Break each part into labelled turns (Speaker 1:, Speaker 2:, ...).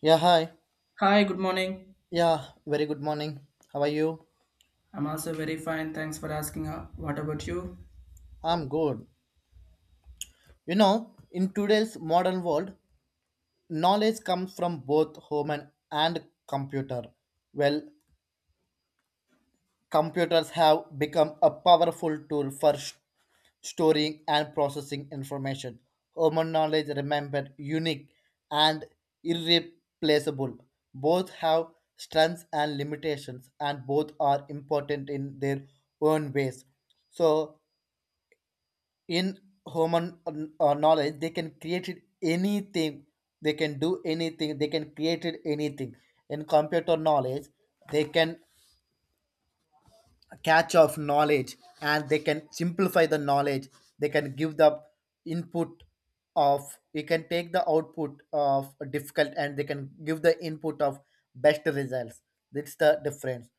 Speaker 1: Yeah, hi.
Speaker 2: Hi, good morning.
Speaker 1: Yeah, very good morning. How are you?
Speaker 2: I'm also very fine. Thanks for asking. What about you?
Speaker 1: I'm good. You know, in today's modern world, knowledge comes from both home and computer. Well, computers have become a powerful tool for storing and processing information. Human knowledge remembered unique and irreplaceable. Both have strengths and limitations, and both are important in their own ways. So, in human knowledge they can create it anything, they can do anything, they can create it anything. In computer knowledge they can catch of knowledge and they can simplify the knowledge, they can give the input of, we can take the output of difficult and they can give the input of best results. That's the difference.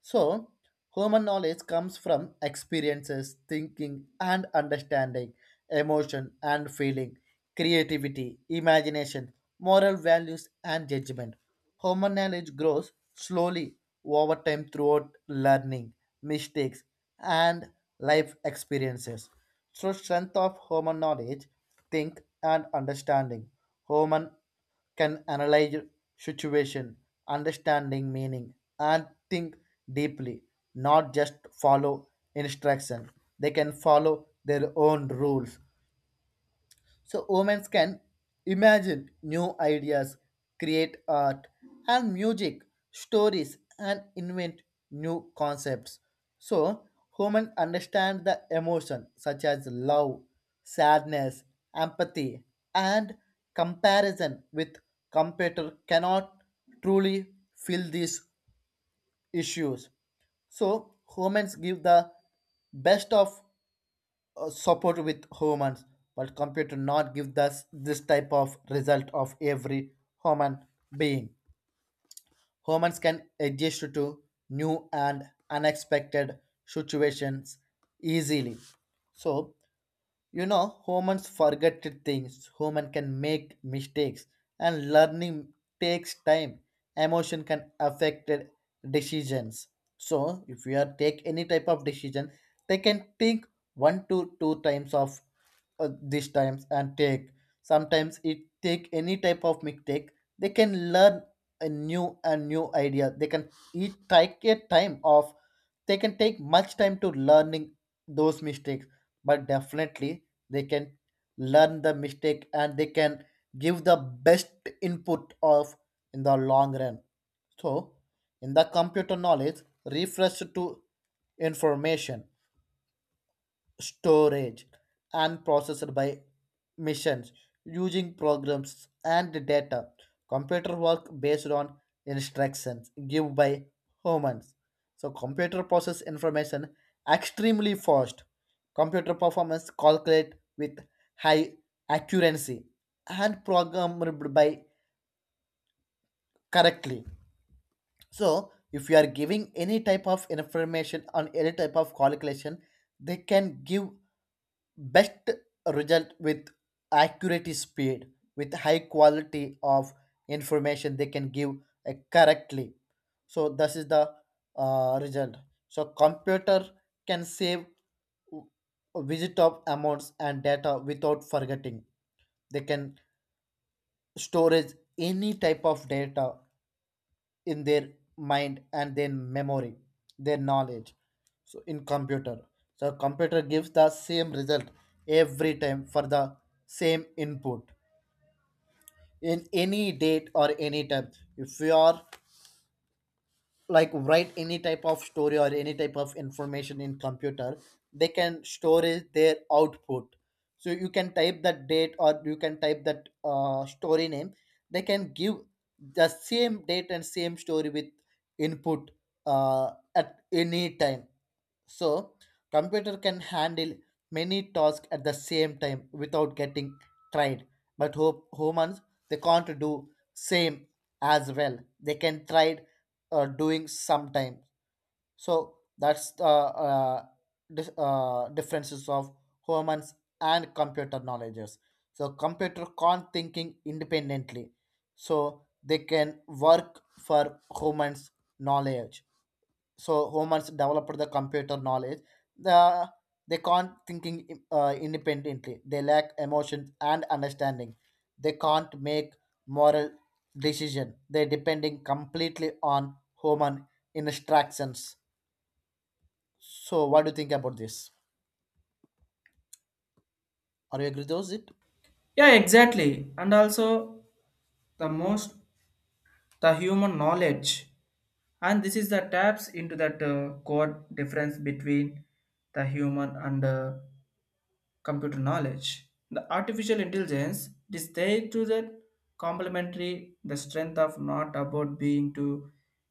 Speaker 1: So human knowledge comes from experiences, thinking and understanding, emotion and feeling, creativity, imagination, moral values and judgment. Human knowledge grows slowly over time throughout learning, mistakes, and life experiences. So, strength of human knowledge, think and understanding. Human can analyze situation, understanding meaning, and think deeply, not just follow instruction. They can follow their own rules, so women can imagine new ideas, create art and music, stories and invent new concepts. So women understand the emotion such as love, sadness, empathy and comparison with computer cannot truly feel these issues. So humans give the best of support with humans, but computer not give us this type of result of every human being. Humans can adjust to new and unexpected situations easily. So you know, humans forget things. Human can make mistakes, and learning takes time. Emotion can affect decisions. So, if you are take any type of decision, they can think one to two times of these times and take. Sometimes it take any type of mistake. They can learn a new and new idea. They can it take a time of, they can take much time to learning those mistakes, but definitely they can learn the mistake and they can give the best input of in the long run. So in the computer, knowledge refers to information storage, and processed by machines using programs and data. Computer work based on instructions given by humans. So computer process information extremely fast. Computer performance calculate with high accuracy and programmed by correctly. So if you are giving any type of information on any type of calculation, they can give best result with accurate speed, with high quality of information they can give correctly. So this is the result. So computer can save w- visit of amounts and data without forgetting. They can storage any type of data in their mind and their memory, their knowledge. So in computer, so computer gives the same result every time for the same input in any date or any time. If you are like write any type of story or any type of information in computer, they can store it, their output. So you can type that date or you can type that story name, they can give the same date and same story with input at any time. So computer can handle many tasks at the same time without getting tried, but hope humans, they can't do same as well, they can try doing sometimes. So that's the differences of humans and computer knowledges. So computer can't thinking independently. So they can work for humans knowledge. So humans developed the computer knowledge, the they can't thinking independently, they lack emotions and understanding, they can't make moral decision, they're depending completely on human instructions. So what do you think about this? Are you agree with it?
Speaker 2: Yeah, exactly. And also, the most the human knowledge, and this is the taps into that core difference between the human and computer knowledge. The artificial intelligence it is there to the complementary the strength of not about being to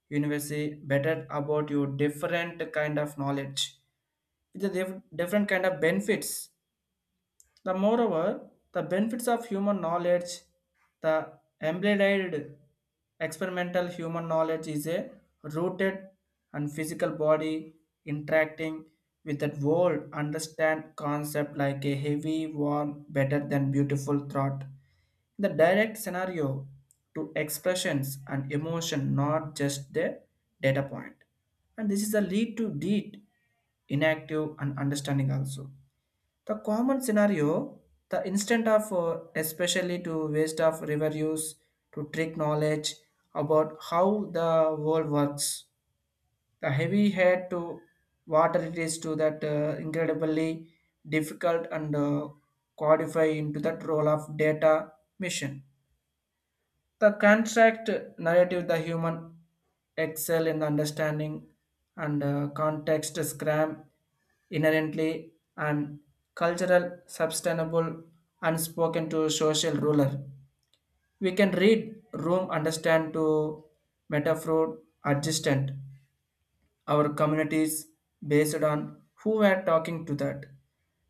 Speaker 2: university better about your different kind of knowledge. It's a different kind of benefits the moreover, the benefits of human knowledge, the embodied experimental human knowledge is a rooted and physical body interacting with that world understand concept like a heavy, warm, better than beautiful thought. The direct scenario to expressions and emotion, not just the data point. And this is a lead to deed, inactive and understanding also. The common scenario, the instant of especially to waste of reviews, to trick knowledge about how the world works. The heavy head to water it is to that incredibly difficult and codify into that role of data mission. The contract narrative, the human excel in the understanding and context scram inherently and cultural sustainable unspoken to social ruler. We can read room understand to metaphor adjacent our communities based on who were talking to that.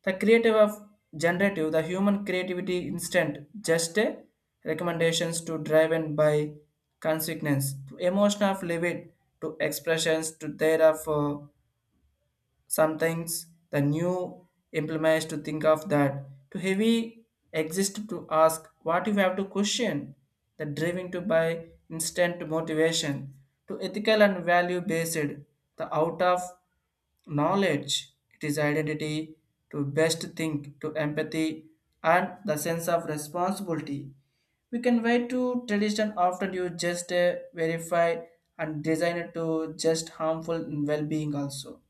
Speaker 2: The creative of generative, the human creativity instant, just a recommendations to driven by consequence, to emotion of livid, to expressions, to thereof. Sometimes the new implements to think of that to heavy exist to ask what you have to question, the driving to buy instant motivation, to ethical and value based, the out of knowledge, it is identity to best think, to empathy, and the sense of responsibility. We can wait to tradition often you just verify and design it to just harmful well being also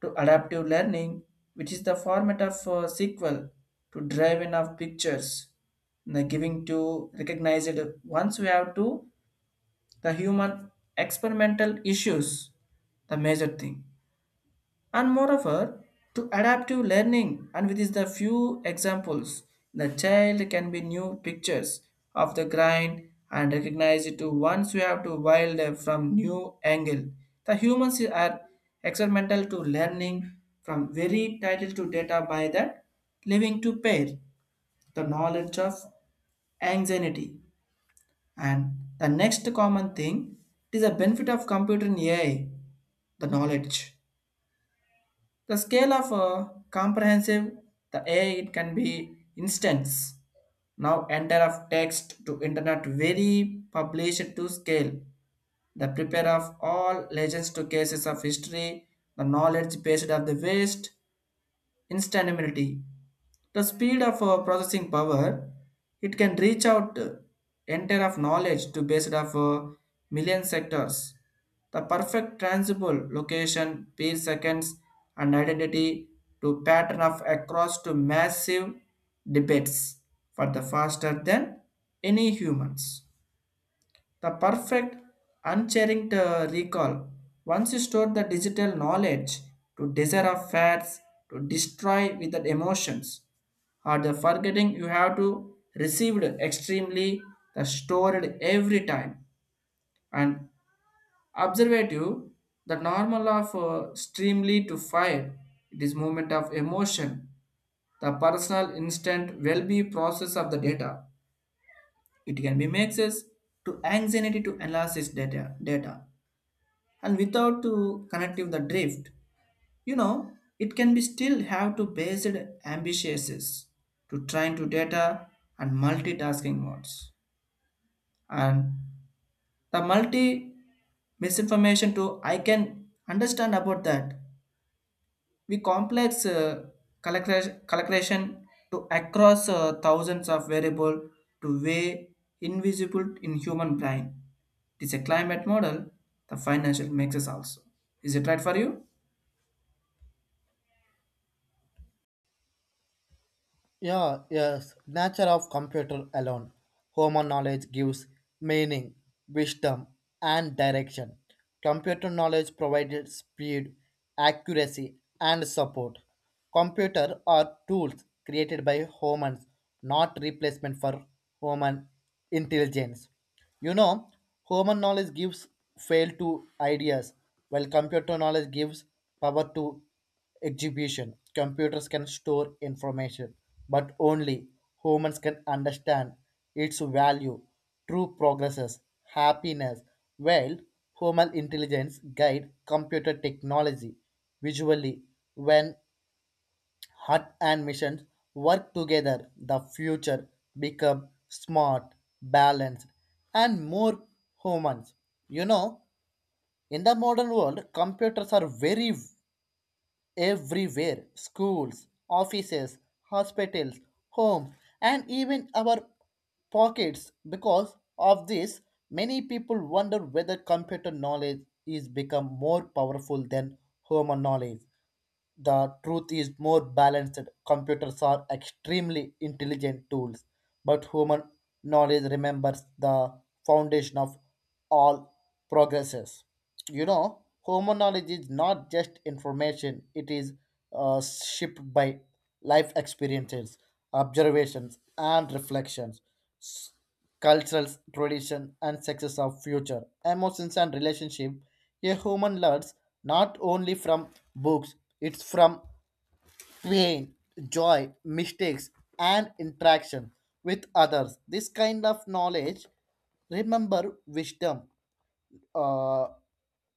Speaker 2: to adaptive learning, which is the format of SQL to drive in of pictures, the giving to recognize it. Once we have to the human experimental issues, the major thing. And moreover, to adaptive learning and with is the few examples, the child can be new pictures of the grind and recognize it to once you have to wild from new angle. The humans are experimental to learning from very title to data by that living to pair the knowledge of anxiety. And the next common thing it is a benefit of computer in AI, the knowledge. The scale of comprehensive the A I it can be instance. Now enter of text to internet very published to scale. The prepare of all legends to cases of history, the knowledge based of the waste, instant immunity. The speed of processing power, it can reach out entire of knowledge to based of million sectors. The perfect transable location, per seconds, and identity to pattern of across to massive debates for the faster than any humans. The perfect, unchanging recall. Once you store the digital knowledge to desire of facts, to destroy with the emotions, or the forgetting you have to received extremely the stored every time. And observative, the normal of extremely to fire, it is movement of emotion, the personal instant will be process of the data. It can be makes us to anxiety to analysis data and without to connective the drift you know it can be still have to based ambitiouses to trying to data and multitasking modes and the multi misinformation to I can understand about that we complex collection to across thousands of variable to way invisible in human brain. It is a climate model the financial mixes also. Is it right for you?
Speaker 1: Yeah, yes, nature of computer alone. Human knowledge gives meaning, wisdom, and direction. Computer knowledge provided speed, accuracy, and support. Computer are tools created by humans, not replacement for human intelligence. You know, human knowledge gives fail to ideas, while computer knowledge gives power to exhibition. Computers can store information, but only humans can understand its value. True progresses, happiness, while human intelligence guide computer technology visually. When heart and missions work together, the future become smart, balanced, and more humans. You know, in the modern world, computers are very everywhere, schools, offices, hospitals, homes, and even our pockets. Because of this, many people wonder whether computer knowledge is become more powerful than human knowledge. The truth is more balanced. Computers are extremely intelligent tools, but human knowledge remembers the foundation of all progresses. You know, human knowledge is not just information, it is shaped by life experiences, observations, and reflections, cultural tradition, and success of future, emotions, and relationship. A human learns not only from books, it's from pain, joy, mistakes, and interaction with others. This kind of knowledge, remember wisdom, uh,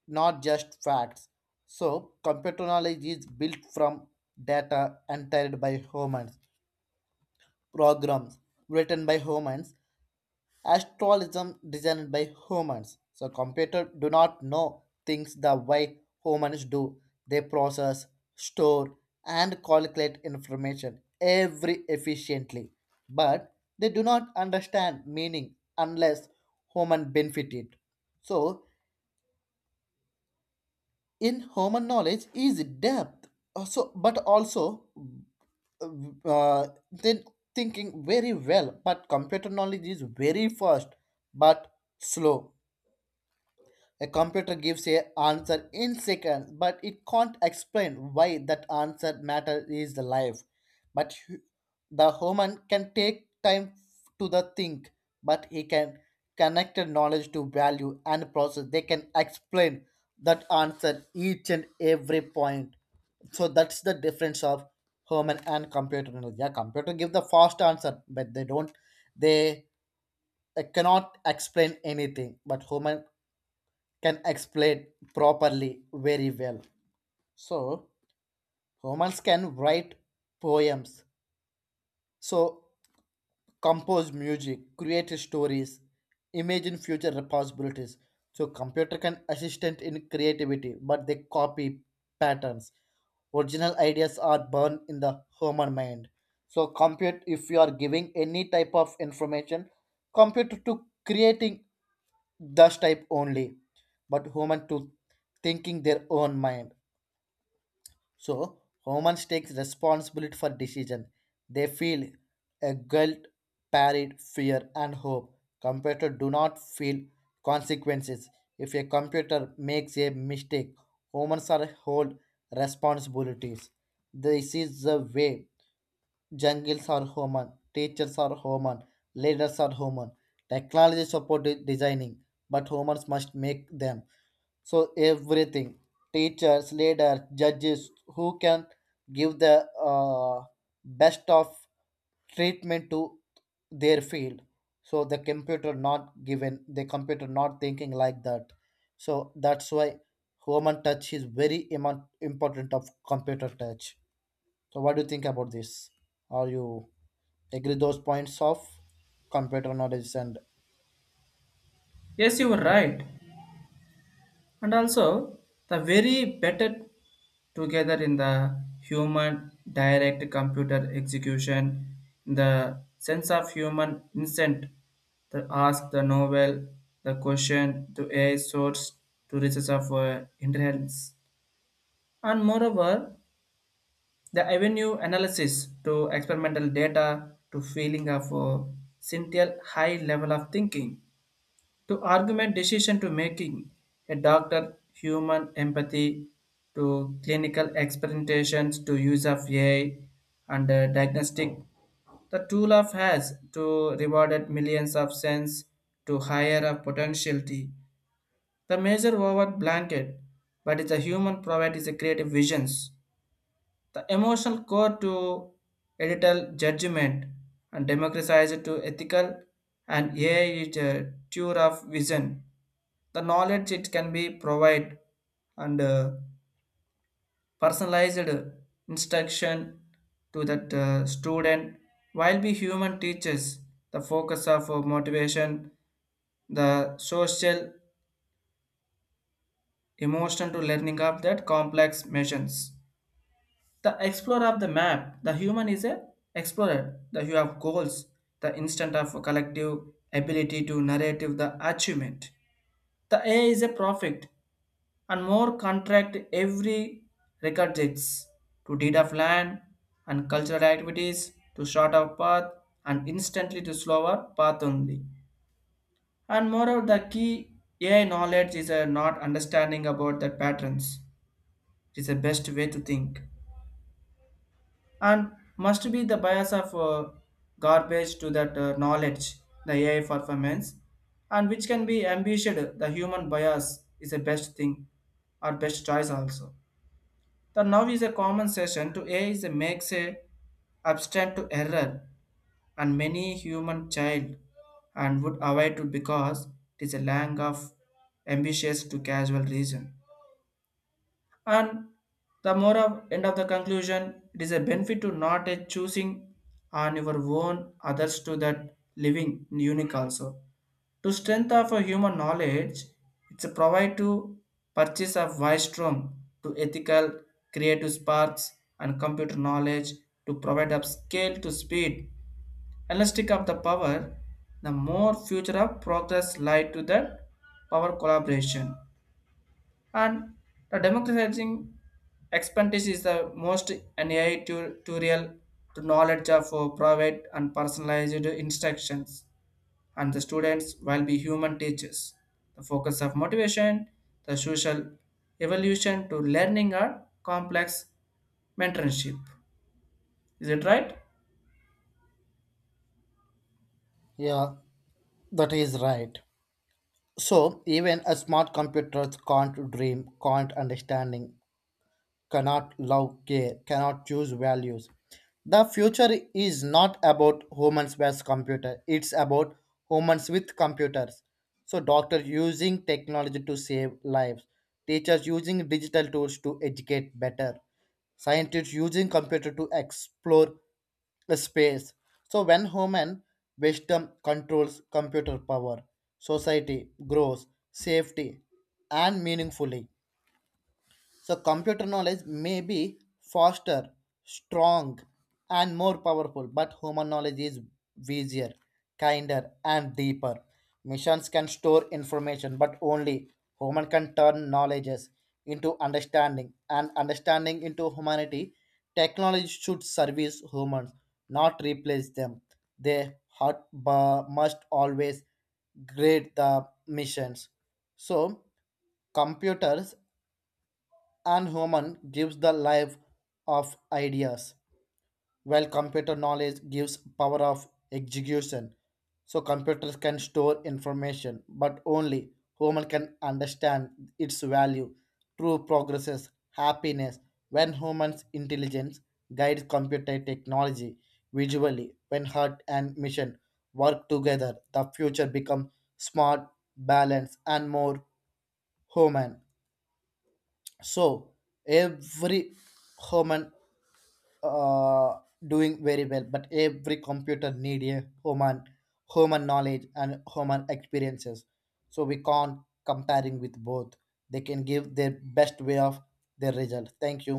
Speaker 1: not just facts. So, computer knowledge is built from data entered by humans, programs written by humans, astrologism designed by humans. So computers do not know things the way humans do. They process, store, and calculate information every efficiently. But they do not understand meaning unless human benefit it. So in human knowledge is depth. So but also then thinking very well, but computer knowledge is very fast but slow. A computer gives a answer in seconds, but it can't explain why that answer matter is alive. But hu- the human can take time to the think, but he can connect the knowledge to value and process. They can explain that answer each and every point. So that's the difference of human and computer knowledge. Yeah, computer give the fast answer, but they don't. They cannot explain anything, but human can explain properly very well. So humans can write poems, so compose music, create stories, imagine future possibilities. So computer can assistant in creativity, but they copy patterns. Original ideas are born in the human mind. So compute if you are giving any type of information, compute to creating thus type only, but human to thinking their own mind. So humans takes responsibility for decision. They feel a guilt, parried fear and hope. Computer do not feel consequences. If a computer makes a mistake, humans are hold responsibilities. This is the way. Jungles are human, teachers are human, leaders are human. Technology support designing, but humans must make them. So everything, teachers, leaders, judges, who can give the best of treatment to their field. So the computer not given, the computer not thinking like that. So that's why human touch is very important of computer touch. So what do you think about this? Are you agree those points of computer knowledge and
Speaker 2: Yes, you were right. And also, the very better together in the human direct computer execution, the sense of human instinct to ask the novel, the question to a source to research of intelligence. And moreover, the avenue analysis to experimental data to feeling of a sincere high level of thinking to argument decision to making a doctor human empathy to clinical experimentations to use of AI and diagnostic. The tool of has to rewarded millions of cents to higher a potentiality. The major over blanket, but the human provide is a creative visions the emotional core to editorial judgment and democratized to ethical and AI is a tour of vision. The knowledge it can be provide and personalized instruction to that student while we human teachers the focus of motivation the social emotion to learning of that complex missions. The explorer of the map, the human is a explorer. The you have goals, the instant of collective ability to narrative the achievement. The AI is a prophet and more contract every record dates to deed of land and cultural activities to short of path and instantly to slower path only. And moreover, the key AI knowledge is a not understanding about the patterns. It is the best way to think. And must be the bias of garbage to that knowledge, the AI performance, and which can be ambitioned. The human bias is the best thing or best choice also. The now is a common session to AI is a makes a abstract to error and many human child and would avoid it because it is a lack of ambitious to casual reason. And the more of end of the conclusion, it is a benefit to not a choosing on your own others to that living unique also. To strength of a human knowledge, it's a provide to purchase of wise strong to ethical, creative sparks and computer knowledge to provide up scale to speed, elastic of the power, the more future of progress lie to that power collaboration and the democratizing expertise is the most an AI tutorial to knowledge of private and personalized instructions and the students will be human teachers. The focus of motivation, the social evolution to learning or complex mentorship. Is it right?
Speaker 1: yeah, that is right. So even a smart computer can't dream, can't understanding, cannot love care, cannot choose values. The future is not about humans versus computer. It's about humans with computers. So doctors using technology to save lives, teachers using digital tools to educate better, scientists using computer to explore the space. So when human wisdom controls computer power, society grows safety and meaningfully. So, computer knowledge may be faster, strong, and more powerful, but human knowledge is busier, kinder, and deeper. Machines can store information, but only human can turn knowledges into understanding, and understanding into humanity. Technology should service humans, not replace them. They hot, must always grade the missions. So, computers and human gives the life of ideas, while computer knowledge gives power of execution. So computers can store information, but only human can understand its value. True progresses happiness when human's intelligence guides computer technology visually. When heart and mission work together, the future becomes smart, balanced, and more human. So every human uh, doing very well, but every computer need a human, human knowledge and human experiences. So we can't comparing with both. They can give their best way of their result. Thank you.